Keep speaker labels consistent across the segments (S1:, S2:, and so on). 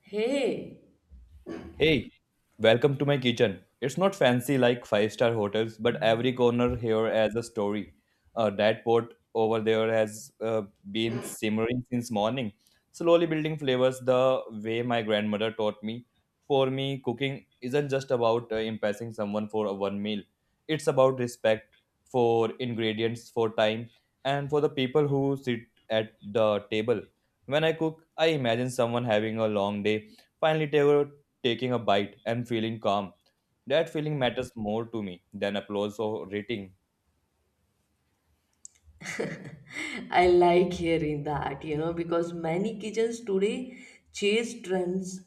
S1: Hey.
S2: Hey, welcome to my kitchen. It's not fancy like five-star hotels, but every corner here has a story. That pot over there has been simmering since morning, slowly building flavors the way my grandmother taught me. For me, cooking isn't just about impressing someone for a one meal, it's about respect for ingredients, for time, and for the people who sit at the table. When I cook, I imagine someone having a long day finally taking a bite and feeling calm. That feeling matters more to me than applause or rating.
S1: I like hearing that, you know, because many kitchens today chase trends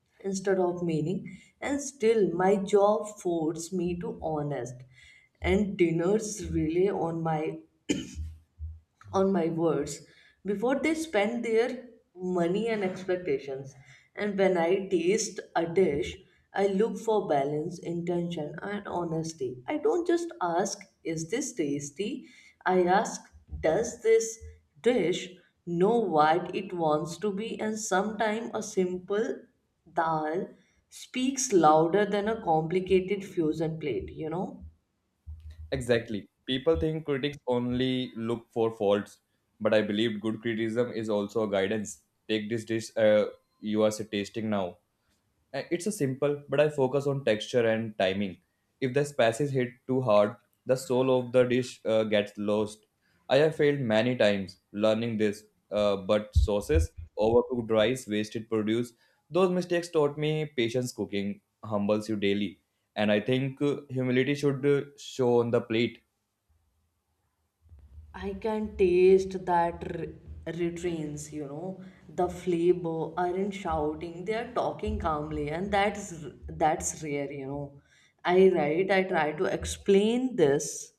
S1: instead of meaning, and still my job forces me to honest, and dinners rely on my words before they spend their money and expectations. And when I taste a dish, I look for balance, intention, and honesty. I don't just ask, is this tasty? I ask, does this dish know what it wants to be? And sometimes a simple dal speaks louder than a complicated fusion plate, you know?
S2: Exactly. People think critics only look for faults, but I believe good criticism is also a guidance. Take this dish you are tasting now. It's a simple, but I focus on texture and timing. If the spices hit too hard, the soul of the dish gets lost. I have failed many times learning this, but sauces, overcooked rice, wasted produce, those mistakes taught me patience cooking humbles you daily. And I think humility should show on the plate.
S1: I can taste that retrains, you know, the flavor aren't shouting, they are talking calmly, and that's rare, you know. I write, I try to explain this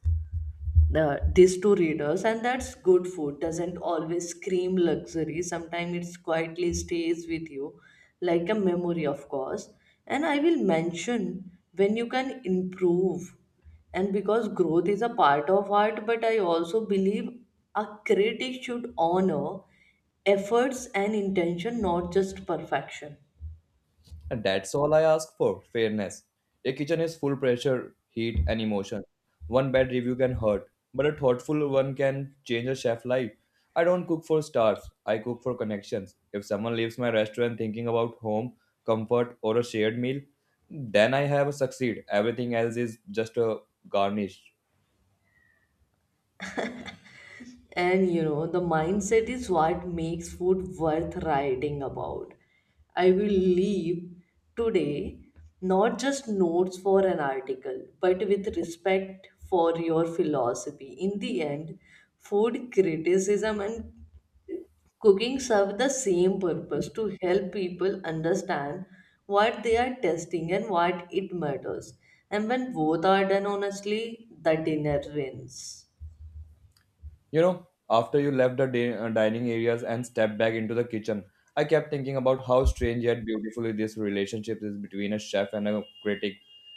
S1: these two readers, and that's good food doesn't always scream luxury. Sometimes it's quietly stays with you like a memory, of course, and I will mention when you can improve, and because growth is a part of art. But I also believe a critic should honor efforts and intention, not just perfection.
S2: And that's all I ask for fairness. A kitchen is full pressure, heat, and emotion. One bad review can hurt, but a thoughtful one can change a chef's life. I don't cook for stars, I cook for connections. If someone leaves my restaurant thinking about home, comfort, or a shared meal, then I have succeed. Everything else is just a garnish.
S1: And you know, the mindset is what makes food worth writing about. I will leave today not just notes for an article, but with respect for your philosophy. In the end, food criticism and cooking serve the same purpose, to help people understand what they are testing and what it matters. And when both are done honestly, the dinner wins.
S2: You know, after you left the dining areas and stepped back into the kitchen, I kept thinking about how strange yet beautifully this relationship is between a chef and a critic.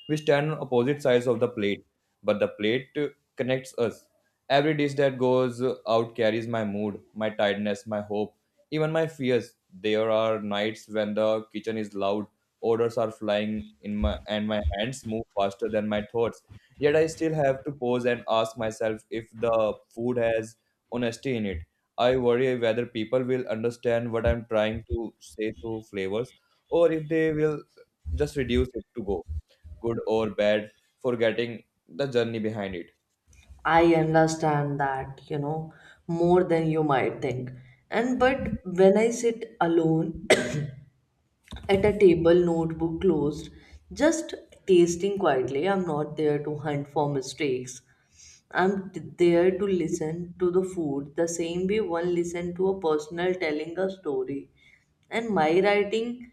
S2: We stand on opposite sides of the plate, but the plate connects us. Every dish that goes out carries my mood, my tiredness, my hope, even my fears. There are nights when the kitchen is loud, orders are flying in my and my hands move faster than my thoughts. Yet I still have to pause and ask myself if the food has honesty in it. I worry whether people will understand what I'm trying to say through flavors or if they will just reduce it to go good or bad, forgetting the journey behind it.
S1: I understand that, you know, more than you might think. And but when I sit alone at a table, notebook closed, just tasting quietly. I'm not there to hunt for mistakes. There to listen to the food the same way one listens to a personal telling a story. And my writing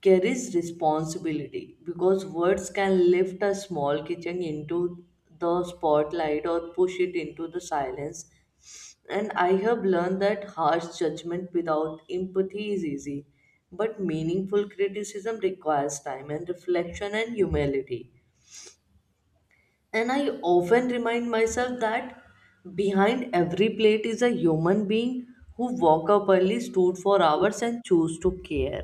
S1: carries responsibility because words can lift a small kitchen into the spotlight or push it into the silence, and I have learned that harsh judgment without empathy is easy, but meaningful criticism requires time and reflection and humility. And I often remind myself that behind every plate is a human being who woke up early, stood for hours, and chose to care.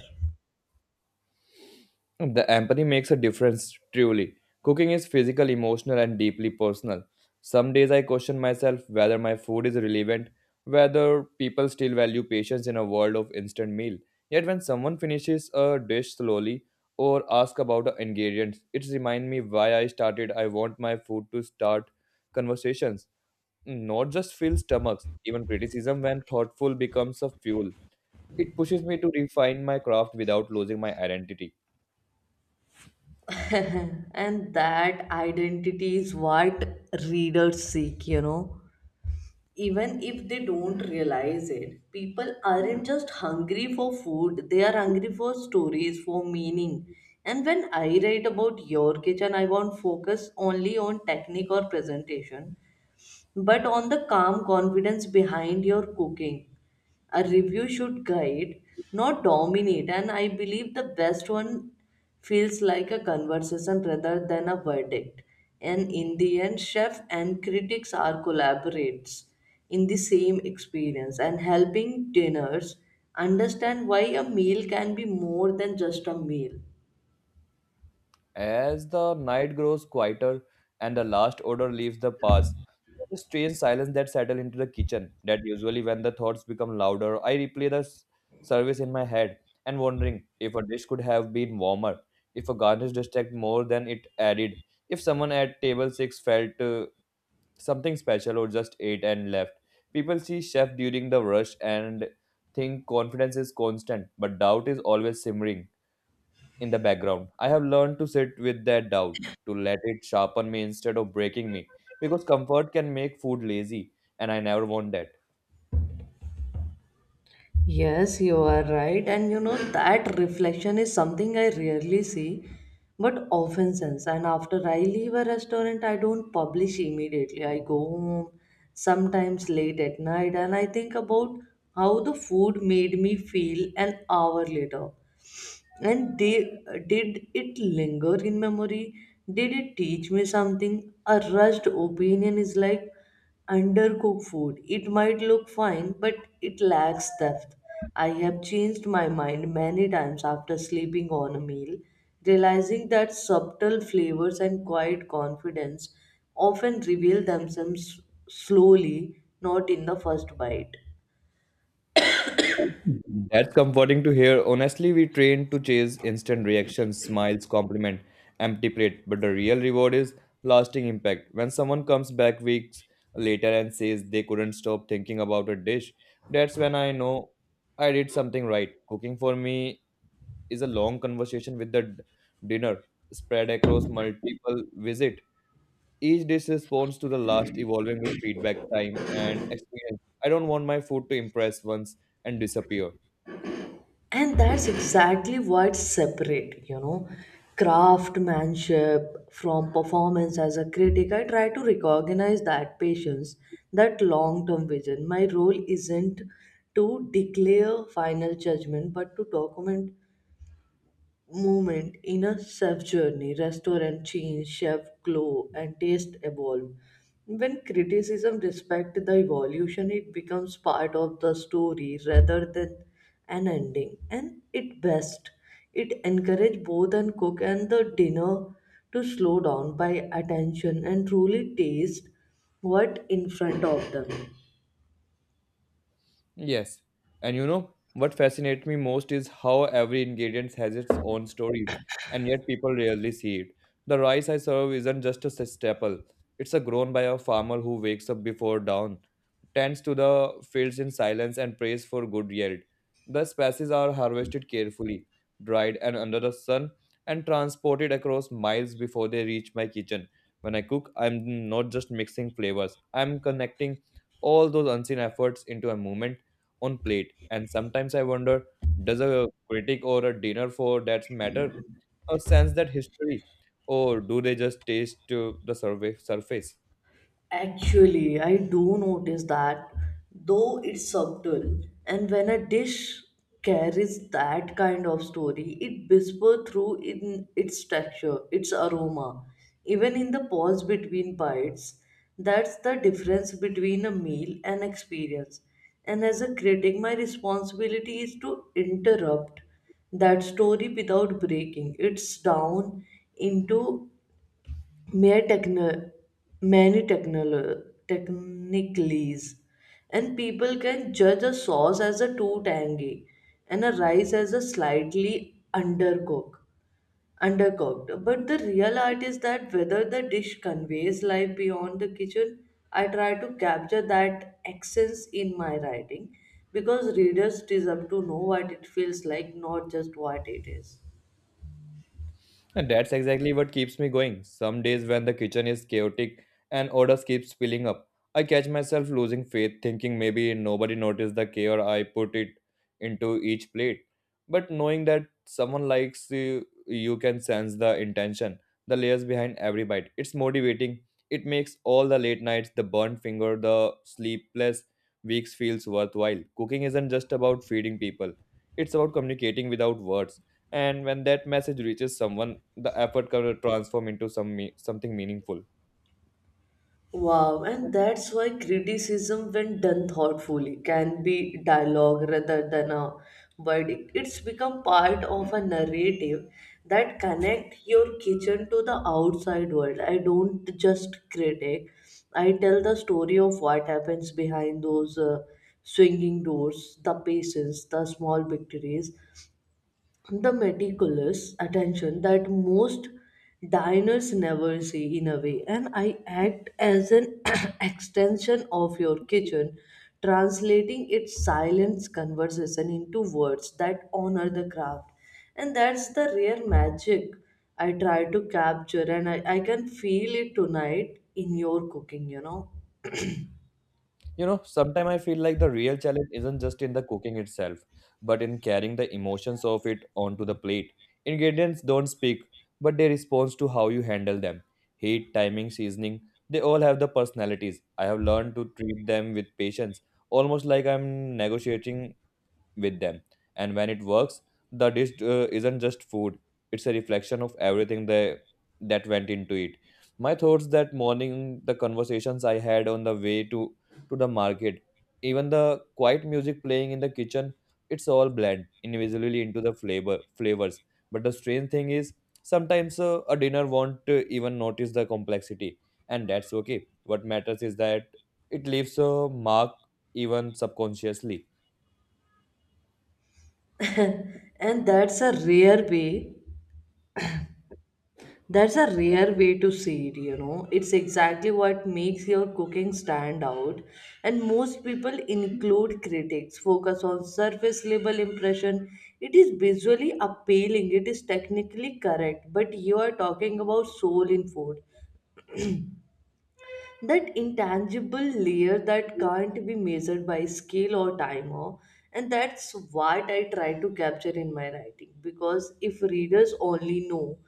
S2: The empathy makes a difference, truly. Cooking is physical, emotional, and deeply personal. Some days I question myself whether my food is relevant, whether people still value patience in a world of instant meal. Yet when someone finishes a dish slowly or asks about the ingredients, it reminds me why I started. I want my food to start conversations, not just fill stomachs. Even criticism, when thoughtful, becomes a fuel. It pushes me to refine my craft without losing my identity.
S1: And that identity is what readers seek, you know, even if they don't realize it. People aren't just hungry for food, they are hungry for stories, for meaning. And when I write about your kitchen, I won't focus only on technique or presentation, but on the calm confidence behind your cooking. A review should guide, not dominate, and I believe the best one feels like a conversation rather than a verdict. And in the end, chef and critics are collaborates in the same experience, and helping diners understand why a meal can be more than just a meal.
S2: As the night grows quieter and the last odor leaves the past, there's a strange silence that settles into the kitchen. That usually, when the thoughts become louder, I replay the service in my head and wondering if a dish could have been warmer, if a garnish distracted more than it added, if someone at table six felt something special or just ate and left. People see chef during the rush and think confidence is constant, but doubt is always simmering in the background. I have learned to sit with that doubt, to let it sharpen me instead of breaking me, because comfort can make food lazy, and I never want that.
S1: Yes, you are right. And you know, that reflection is something I rarely see, but often sense. And after I leave a restaurant, I don't publish immediately. I go home, sometimes late at night, and I think about how the food made me feel an hour later. And they did it linger in memory? Did it teach me something? A rushed opinion is like undercooked food. It might look fine, but it lacks depth. I have changed my mind many times after sleeping on a meal, realizing that subtle flavors and quiet confidence often reveal themselves slowly, not in the first bite.
S2: That's comforting to hear. Honestly, we train to chase instant reactions, smiles, compliment, empty plate, but the real reward is lasting impact. When someone comes back weeks later and says they couldn't stop thinking about a dish, that's when I know I did something right. Cooking for me is a long conversation with the dinner spread across multiple visit. Each dish responds to the last, evolving with feedback, time, and experience. I don't want my food to impress once and disappear.
S1: And that's exactly what separate, you know, craftsmanship from performance. As a critic, I try to recognize that patience, that long term vision. My role isn't to declare final judgment but to document movement, in a self journey, restaurant change, chef glow, and taste evolve. When criticism respects the evolution, it becomes part of the story rather than an ending. And it best. It encourage both and cook and the dinner to slow down by attention and truly taste what in front of them.
S2: Yes. And you know what fascinates me most is how every ingredient has its own stories, and yet people rarely see it. The rice I serve isn't just a staple, it's a grown by a farmer who wakes up before dawn, tends to the fields in silence, and prays for good yield. The spices are harvested carefully, dried and under the sun, and transported across miles before they reach my kitchen. When I cook, I'm not just mixing flavors, I'm connecting all those unseen efforts into a moment on plate. And sometimes I wonder, does a critic or a dinner for that matter sense that history, or do they just taste the survey surface?
S1: Actually, I do notice that, though it's subtle, and when a dish carries that kind of story, it whispers through in its texture, its aroma, even in the pause between bites. That's the difference between a meal and experience. And as a critic, my responsibility is to interrupt that story without breaking it's down into mere many technicalities. And people can judge a sauce as a too tangy and a rice as a slightly undercooked undercooked, but the real art is that whether the dish conveys life beyond the kitchen. I try to capture that essence in my writing because readers deserve to know what it feels like, not just what it is.
S2: And that's exactly what keeps me going. Some days when the kitchen is chaotic and orders keep spilling up, I catch myself losing faith, thinking maybe nobody noticed the care I put it into each plate. But knowing that someone likes you, you can sense the intention, the layers behind every bite. It's motivating. It makes all the late nights, the burnt finger, the sleepless weeks feels worthwhile. Cooking isn't just about feeding people. It's about communicating without words. And when that message reaches someone the effort can transform into something meaningful.
S1: Wow, and that's why criticism, when done thoughtfully, can be dialogue rather than a verdict. It's become part of a narrative that connect your kitchen to the outside world. I don't just critic; I tell the story of what happens behind those swinging doors, the patience, the small victories, the meticulous attention that most diners never see. In a way, and I act as an extension of your kitchen, translating its silence conversation into words that honor the craft. And that's the rare magic I try to capture. I can feel it tonight in your cooking, you know.
S2: You know, sometimes I feel like the real challenge isn't just in the cooking itself but in carrying the emotions of it onto the plate. Ingredients don't speak but they respond to how you handle them, heat, timing, seasoning, they all have the personalities. I have learned to treat them with patience, almost like I'm negotiating with them. And when it works, the dish isn't just food; it's a reflection of everything that went into it. My thoughts that morning, the conversations I had on the way to the market, even the quiet music playing in the kitchen, it's all blend invisibly into the flavors. But the strange thing is, sometimes a dinner won't even notice the complexity, and that's okay. What matters is that it leaves a mark even subconsciously.
S1: and that's a rare way That's a rare way to see it, you know. It's exactly what makes your cooking stand out. And most people, include critics, focus on surface level impression. It is visually appealing, it is technically correct, but you are talking about soul in food. That intangible layer that can't be measured by scale or timer. And that's what I try to capture in my writing, because if readers only know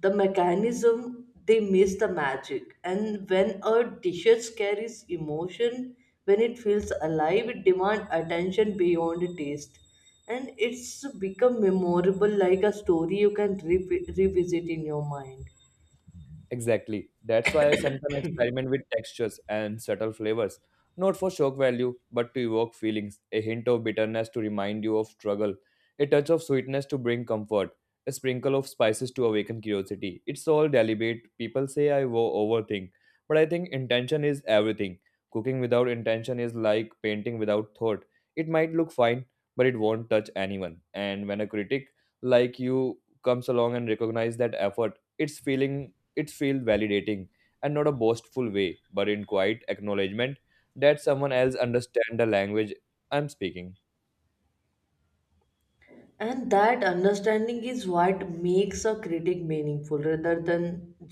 S1: the mechanism they miss the magic. And when a dishes carries emotion, when it feels alive, it demands attention beyond taste, and it's become memorable like a story you can revisit in your mind.
S2: Exactly. That's why I sometimes experiment with textures and subtle flavors, not for shock value, but to evoke feelings, a hint of bitterness to remind you of struggle, a touch of sweetness to bring comfort, a sprinkle of spices to awaken curiosity. It's all deliberate. People say I overthink, but I think intention is everything. Cooking without intention is like painting without thought. It might look fine, but it won't touch anyone. And when a critic like you comes along and recognize that effort, it feels validating and not a boastful way, but in quiet acknowledgement that someone else understands the language I'm speaking.
S1: And that understanding is what makes a critic meaningful rather than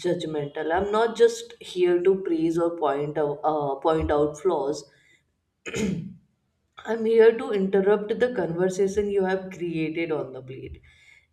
S1: judgmental. I'm not just here to praise or point out flaws. I'm here to interrupt the conversation you have created on the plate.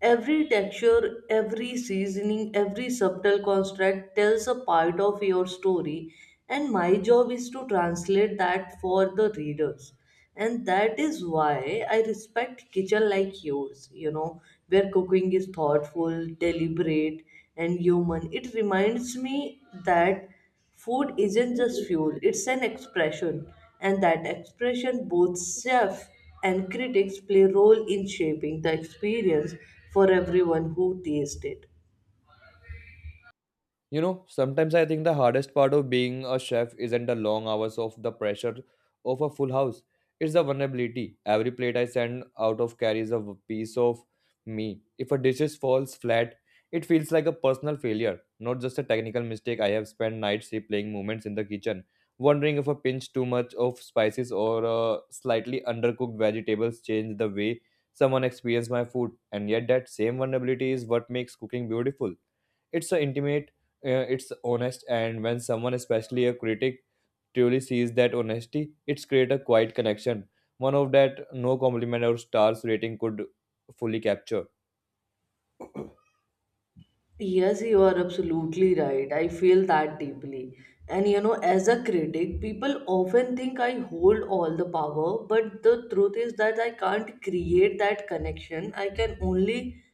S1: Every texture, every seasoning, every subtle construct tells a part of your story, and my job is to translate that for the readers. And that is why I respect kitchen like yours, you know, where cooking is thoughtful, deliberate, and human. It reminds me that food isn't just fuel, it's an expression, and that expression both chef and critics play a role in shaping the experience for everyone who tastes it.
S2: You know, sometimes I think the hardest part of being a chef isn't the long hours of the pressure of a full house. It's the vulnerability. Every plate I send out of carries a piece of me. If a dish is falls flat, it feels like a personal failure, not just a technical mistake. I have spent nights replaying moments in the kitchen, wondering if a pinch too much of spices or slightly undercooked vegetables changed the way someone experienced my food. And yet, that same vulnerability is what makes cooking beautiful. It's a intimate, it's honest, and when someone, especially a critic, truly sees that honesty, it's create a quiet connection. One of that no compliment or stars rating could fully capture.
S1: Yes, you are absolutely right. I feel that deeply. And you know, as a critic, people often think I hold all the power, but the truth is that I can't create that connection. I can only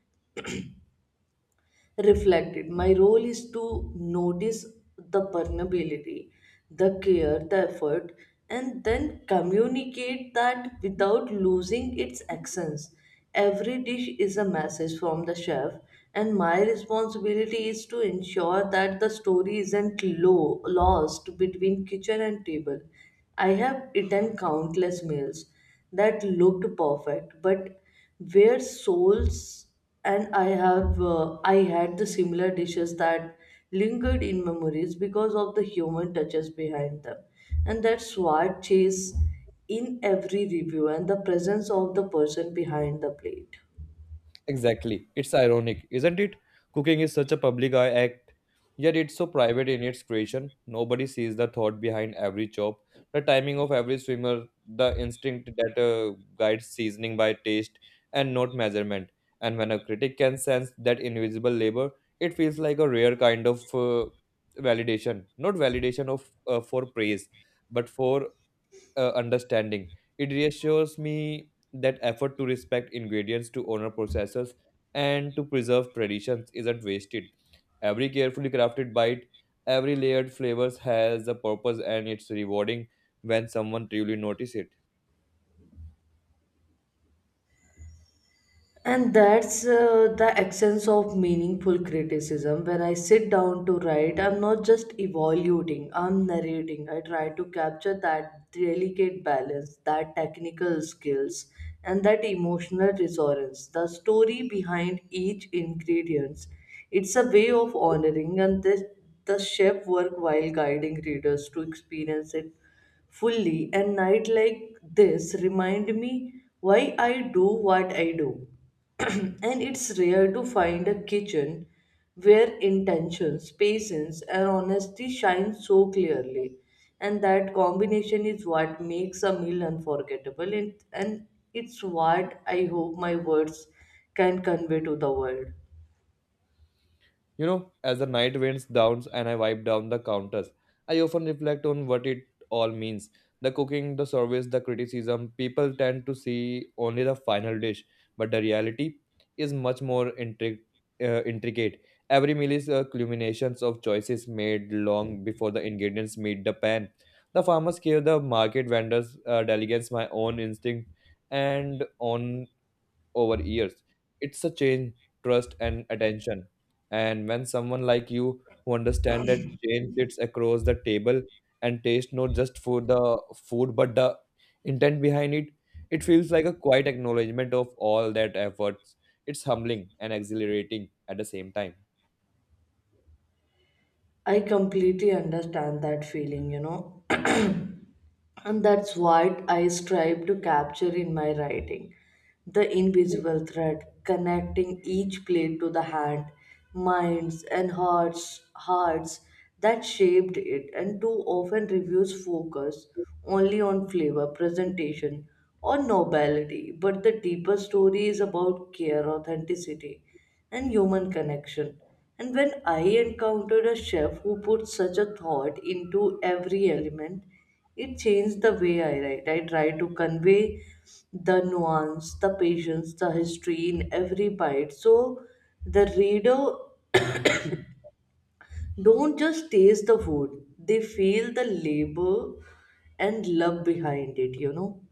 S1: reflected. My role is to notice the vulnerability, the care, the effort, and then communicate that without losing its essence. Every dish is a message from the chef, and my responsibility is to ensure that the story isn't lost between kitchen and table. I have eaten countless meals that looked perfect but where souls, and I had the similar dishes that lingered in memories because of the human touches behind them. And that's what chase in every review, and the presence of the person behind the plate.
S2: Exactly. It's ironic, isn't it? Cooking is such a public eye act, yet it's so private in its creation. Nobody sees the thought behind every chop, the timing of every swimmer, the instinct that guides seasoning by taste and not measurement. And when a critic can sense that invisible labor, it feels like a rare kind of validation. Not validation of for praise, but for understanding. It reassures me that effort to respect ingredients, to honor processes, and to preserve traditions isn't wasted. Every carefully crafted bite, every layered flavors has a purpose, and it's rewarding when someone truly notices it.
S1: And that's the essence of meaningful criticism. When I sit down to write, I'm not just evaluating, I'm narrating. I try to capture that delicate balance, that technical skills, and that emotional resonance, the story behind each ingredient. It's a way of honoring and this, the chef work, while guiding readers to experience it fully. And night like this remind me why I do what I do. And it's rare to find a kitchen where intentions patience and honesty shine so clearly, and that combination is what makes a meal unforgettable. And it's what I hope my words can convey to the world.
S2: You know, as the night winds down and I wipe down the counters, I often reflect on what it all means. The cooking, the service, the criticism, people tend to see only the final dish, but the reality is much more intricate. Every meal is a culmination of choices made long before the ingredients meet the pan. The farmers care, the market vendors delegates my own instinct and on over years. It's a change, trust, and attention. And when someone like you who understand that change sits across the table and taste not just for the food but the intent behind it, it feels like a quiet acknowledgement of all that efforts. It's humbling and exhilarating at the same time.
S1: I completely understand that feeling, you know. And that's what I strive to capture in my writing, the invisible thread connecting each plate to the hand, minds, and hearts that shaped it. And too often, reviews focus only on flavor, presentation, or nobility, but the deeper story is about care, authenticity and human connection. And when I encountered a chef who put such a thought into every element, it changed the way I write. I try to convey the nuance, the patience, the history in every bite. So the reader don't just taste the food, they feel the labor and love behind it, you know.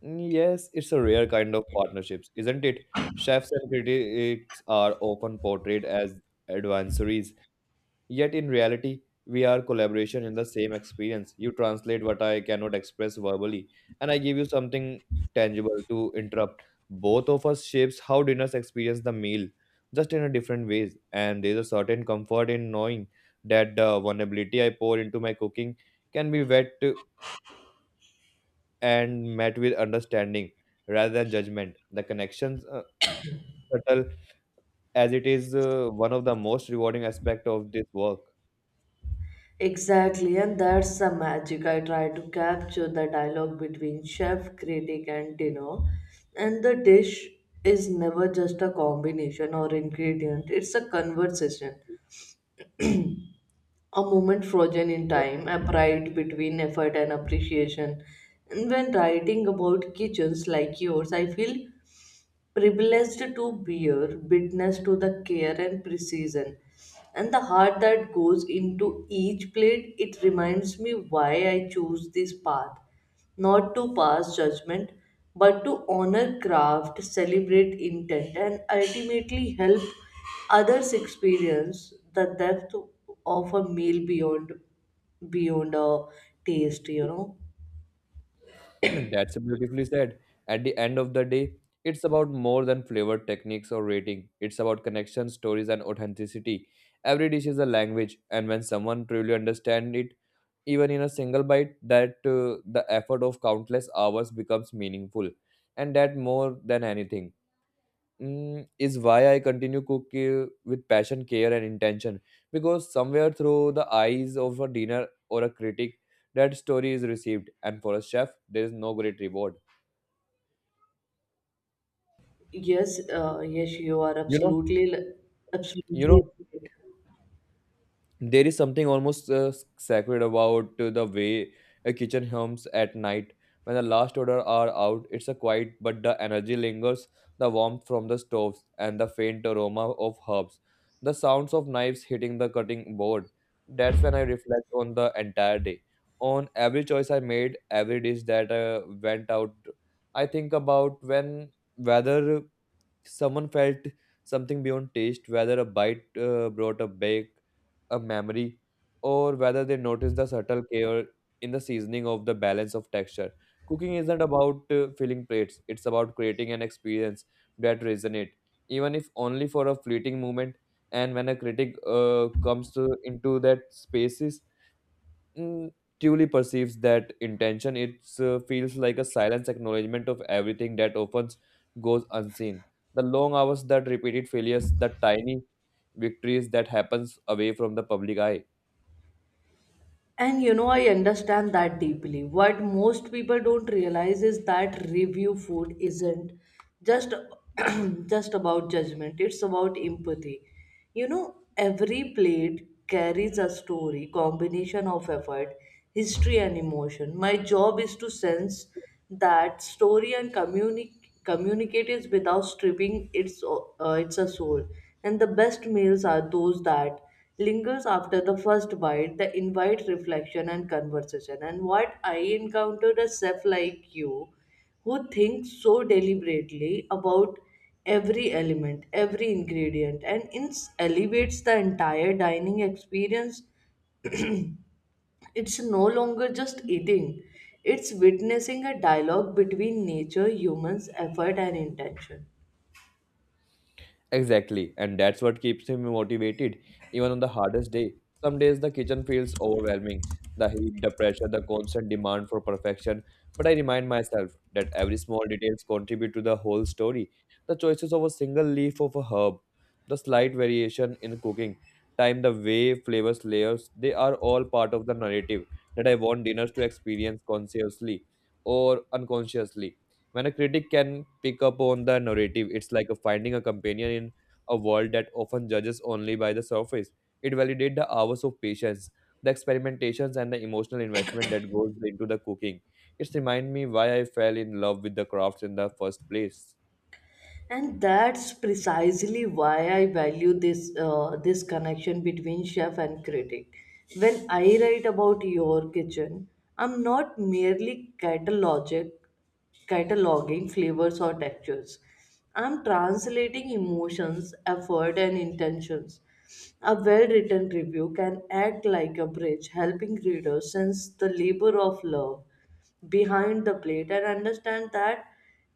S2: Yes, it's a rare kind of partnerships, isn't it? Chefs and critics are often portrayed as adversaries, yet in reality, we are collaboration in the same experience. You translate what I cannot express verbally, and I give you something tangible to interrupt. Both of us shapes how dinners experience the meal, just in a different ways. And there's a certain comfort in knowing that the vulnerability I pour into my cooking can be wet and met with understanding rather than judgment. The connections, subtle as it is, one of the most rewarding aspect of this work.
S1: Exactly, and that's the magic. I try to capture the dialogue between chef, critic, and dinner. And the dish is never just a combination or ingredient, it's a conversation, a moment frozen in time, a pride between effort and appreciation. And when writing about kitchens like yours, I feel privileged to bear witness to the care and precision and the heart that goes into each plate. It reminds me why I chose this path, not to pass judgment but to honor craft, celebrate intent, and ultimately help others experience the depth of a meal beyond a taste you know
S2: Hmm. That's beautifully said. At the end of the day, it's about more than flavor techniques or rating. It's about connection, stories, and authenticity. Every dish is a language, and when someone truly understands it, even in a single bite, that the effort of countless hours becomes meaningful, and that more than anything is why I continue cook with passion, care, and intention. Because somewhere through the eyes of a dinner or a critic, that story is received, and for a chef, there is no great reward.
S1: yes uh, yes You are
S2: You know,
S1: absolutely
S2: you
S1: absolutely
S2: know.
S1: right.
S2: There is something almost sacred about the way a kitchen hums at night. When the last odor are out, it's a quiet, but the energy lingers, the warmth from the stoves, and the faint aroma of herbs, the sounds of knives hitting the cutting board. That's when I reflect on the entire day, on every choice I made, every dish that went out. I think about when whether someone felt something beyond taste, whether a bite brought a back, a memory, or whether they noticed the subtle care in the seasoning of the balance of texture. Cooking isn't about filling plates, it's about creating an experience that resonates, even if only for a fleeting moment. And when a critic comes into that spaces, mm, Tully perceives that intention. It feels like a silent acknowledgement of everything that often goes unseen. The long hours that repeated failures, the tiny victories that happens away from the public eye.
S1: And you know, I understand that deeply. What most people don't realize is that review food isn't just just about judgment. It's about empathy. You know, every plate carries a story, combination of effort, history and emotion. My job is to sense that story and communicate is without stripping its, its a soul. And the best meals are those that lingers after the first bite, the invite reflection and conversation. And what I encountered a chef like you who thinks so deliberately about every element, every ingredient, and elevates the entire dining experience, it's no longer just eating, it's witnessing a dialogue between nature, humans, effort, and intention.
S2: Exactly, and that's what keeps him motivated even on the hardest day. Some days the kitchen feels overwhelming the heat, the pressure, the constant demand for perfection. But I remind myself that every small details contribute to the whole story. The choices of a single leaf of a herb, the slight variation in cooking, time, the way flavors layers, they are all part of the narrative that I want dinners to experience consciously or unconsciously. When a critic can pick up on the narrative, it's like a finding a companion in a world that often judges only by the surface. It validates the hours of patience, the experimentations, and the emotional investment that goes into the cooking. It's remind me why I fell in love with the crafts in the first place.
S1: And that's precisely why I value this connection between chef and critic. When I write about your kitchen, I'm not merely cataloging flavors or textures. I'm translating emotions, effort, and intentions. A well written review can act like a bridge, helping readers sense the labor of love behind the plate and understand that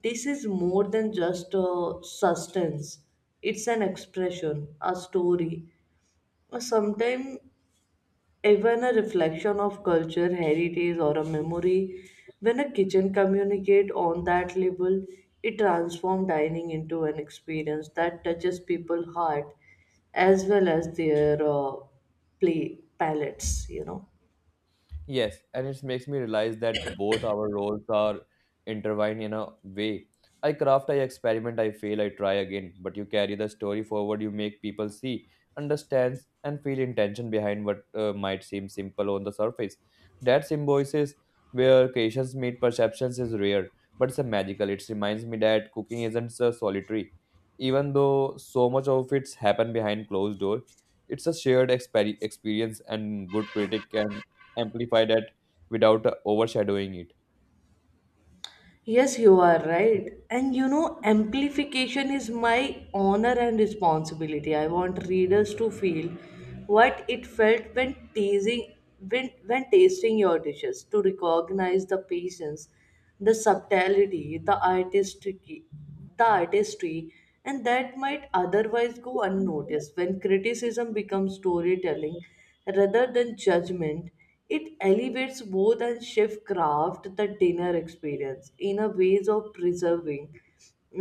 S1: this is more than just a sustenance. It's an expression, a story, or sometimes even a reflection of culture, heritage, or a memory. When a kitchen communicates on that level, it transforms dining into an experience that touches people's heart as well as their play palettes, you know.
S2: Yes, and it makes me realize that both our roles are intertwined in a way. I craft, I experiment, I fail, I try again, but you carry the story forward, you make people see, understands, and feel intention behind what might seem simple on the surface. That symbiosis where creations meet perceptions is rare, but it's a magical. It reminds me that cooking isn't so solitary. Even though so much of it's happened behind closed door, it's a shared experience and good critic can amplify that without overshadowing it.
S1: Yes, you are right. And you know, amplification is my honor and responsibility. I want readers to feel what it felt when tasting your dishes, to recognize the patience, the subtlety, the artistry and that might otherwise go unnoticed. When criticism becomes storytelling rather than judgment, it elevates both and shift craft the dinner experience in a ways of preserving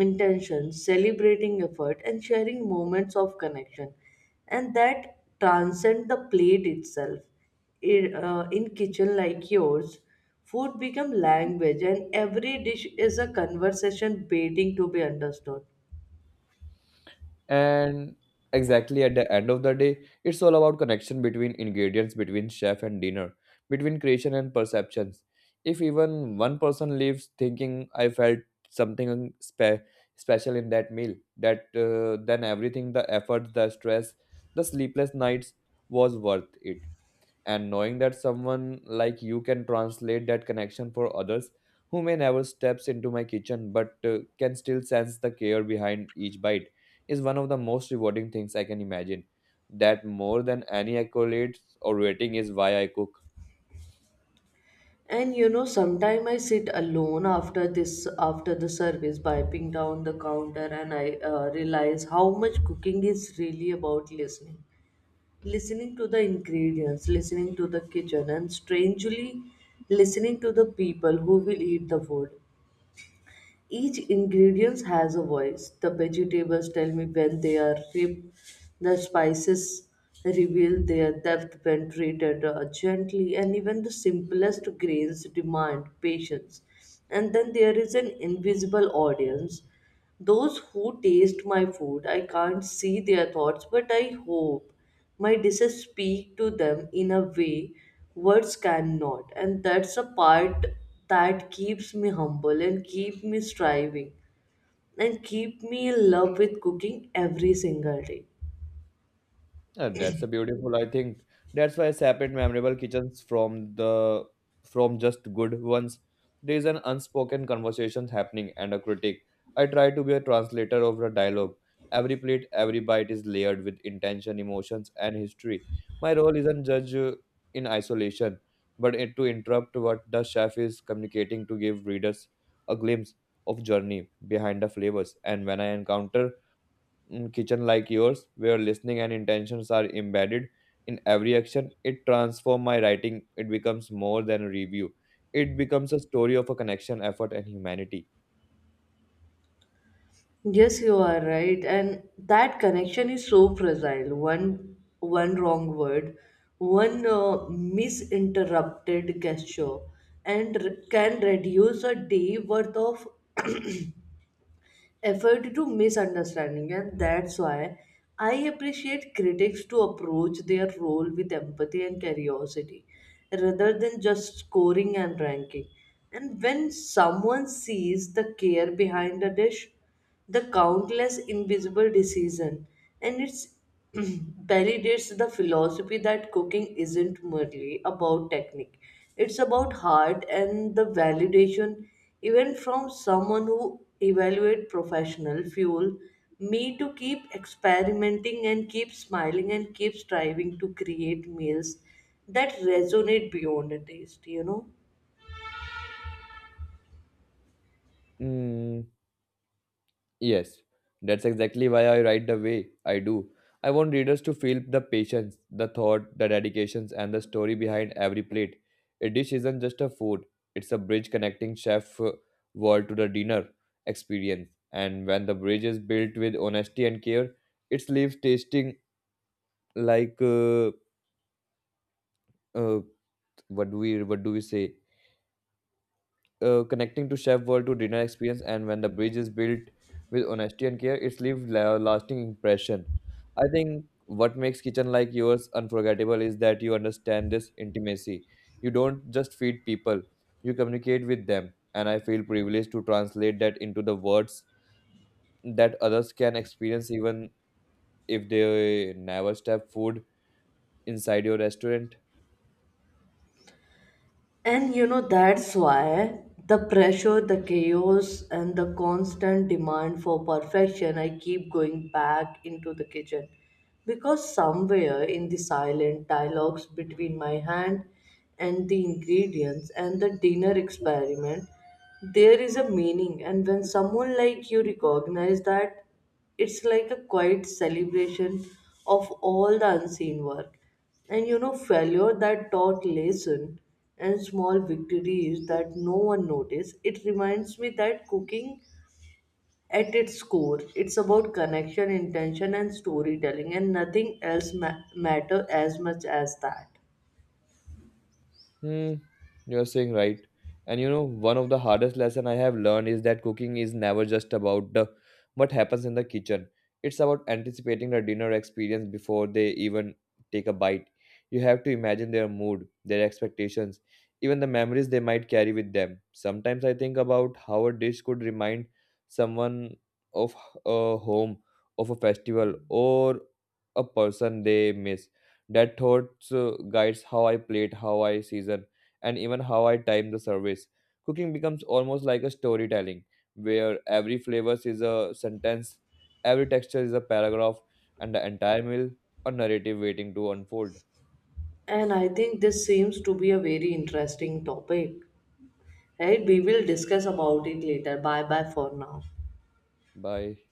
S1: intention, celebrating effort, and sharing moments of connection, and that transcend the plate itself. In kitchen like yours, food become language and every dish is a conversation waiting to be understood.
S2: And exactly, at the end of the day, it's all about connection, between ingredients, between chef and dinner, between creation and perceptions. If even one person leaves thinking I felt something special in that meal, that then everything, the effort, the stress, the sleepless nights was worth it. And knowing that someone like you can translate that connection for others who may never steps into my kitchen but can still sense the care behind each bite is one of the most rewarding things I can imagine. That more than any accolades or rating is why I cook.
S1: And you know, sometime I sit alone after this, after the service, wiping down the counter, and I realize how much cooking is really about listening. Listening to the ingredients, listening to the kitchen, and strangely, listening to the people who will eat the food. Each ingredient has a voice. The vegetables tell me when they are ripe. The spices reveal their depth when treated gently, and even the simplest grains demand patience. And then there is an invisible audience, those who taste my food. I can't see their thoughts, but I hope my dishes speak to them in a way words cannot. And that's a part that keeps me humble and keep me striving and keep me in love with cooking every single day.
S2: That's a beautiful. I think that's why I separate memorable kitchens from the from just good ones. There is an unspoken conversation happening and a critic. I try to be a translator of the dialogue. Every plate, every bite is layered with intention, emotions, and history. My role isn't judge in isolation, but it, to interrupt what the chef is communicating to give readers a glimpse of journey behind the flavors. And when I encounter kitchen like yours, where listening and intentions are embedded in every action, it transforms my writing. It becomes more than a review. It becomes a story of a connection, effort, and humanity.
S1: Yes, you are right, and that connection is so fragile. One wrong word, one misinterrupted gesture, and can reduce a day worth of effort to misunderstanding, and that's why I appreciate critics to approach their role with empathy and curiosity, rather than just scoring and ranking. And when someone sees the care behind a dish, the countless invisible decision, and it validates the philosophy that cooking isn't merely about technique, it's about heart. And the validation even from someone who evaluate professional fuel me to keep experimenting and keep smiling and keep striving to create meals that resonate beyond a taste, you know.
S2: Mm. Yes, that's exactly why I write the way I do. I want readers to feel the patience, the thought, the dedications, and the story behind every plate. A dish isn't just a food, it's a bridge connecting chef world to the dinner experience. And when the bridge is built with honesty and care, it leaves tasting like uh, what do we say? Uh, connecting to chef world to dinner experience, and when the bridge is built with honesty and care it's leaves lasting impression. I think what makes kitchen like yours unforgettable is that you understand this intimacy. You don't just feed people, you communicate with them, and I feel privileged to translate that into the words that others can experience even if they never step food inside your restaurant.
S1: And you know, that's why the pressure, the chaos, and the constant demand for perfection, I keep going back into the kitchen. Because somewhere in the silent dialogues between my hand and the ingredients and the dinner experiment, there is a meaning. And when someone like you recognize that, it's like a quiet celebration of all the unseen work. And you know, failure that taught lesson and small victories that no one noticed, it reminds me that cooking at its core, it's about connection, intention and storytelling, and nothing else matter as much as that.
S2: Hmm, you're saying right. And you know, one of the hardest lesson I have learned is that cooking is never just about the what happens in the kitchen. It's about anticipating the dinner experience before they even take a bite. You have to imagine their mood, their expectations, even the memories they might carry with them. Sometimes I think about how a dish could remind someone of a home, of a festival, or a person they miss that thoughts guides how I plate, how I season, and even how I time the service. Cooking becomes almost like a storytelling, where every flavor is a sentence, every texture is a paragraph, and the entire meal a narrative waiting to unfold.
S1: And I think this seems to be a very interesting topic. Right? We will discuss about it later. Bye bye for now.
S2: Bye.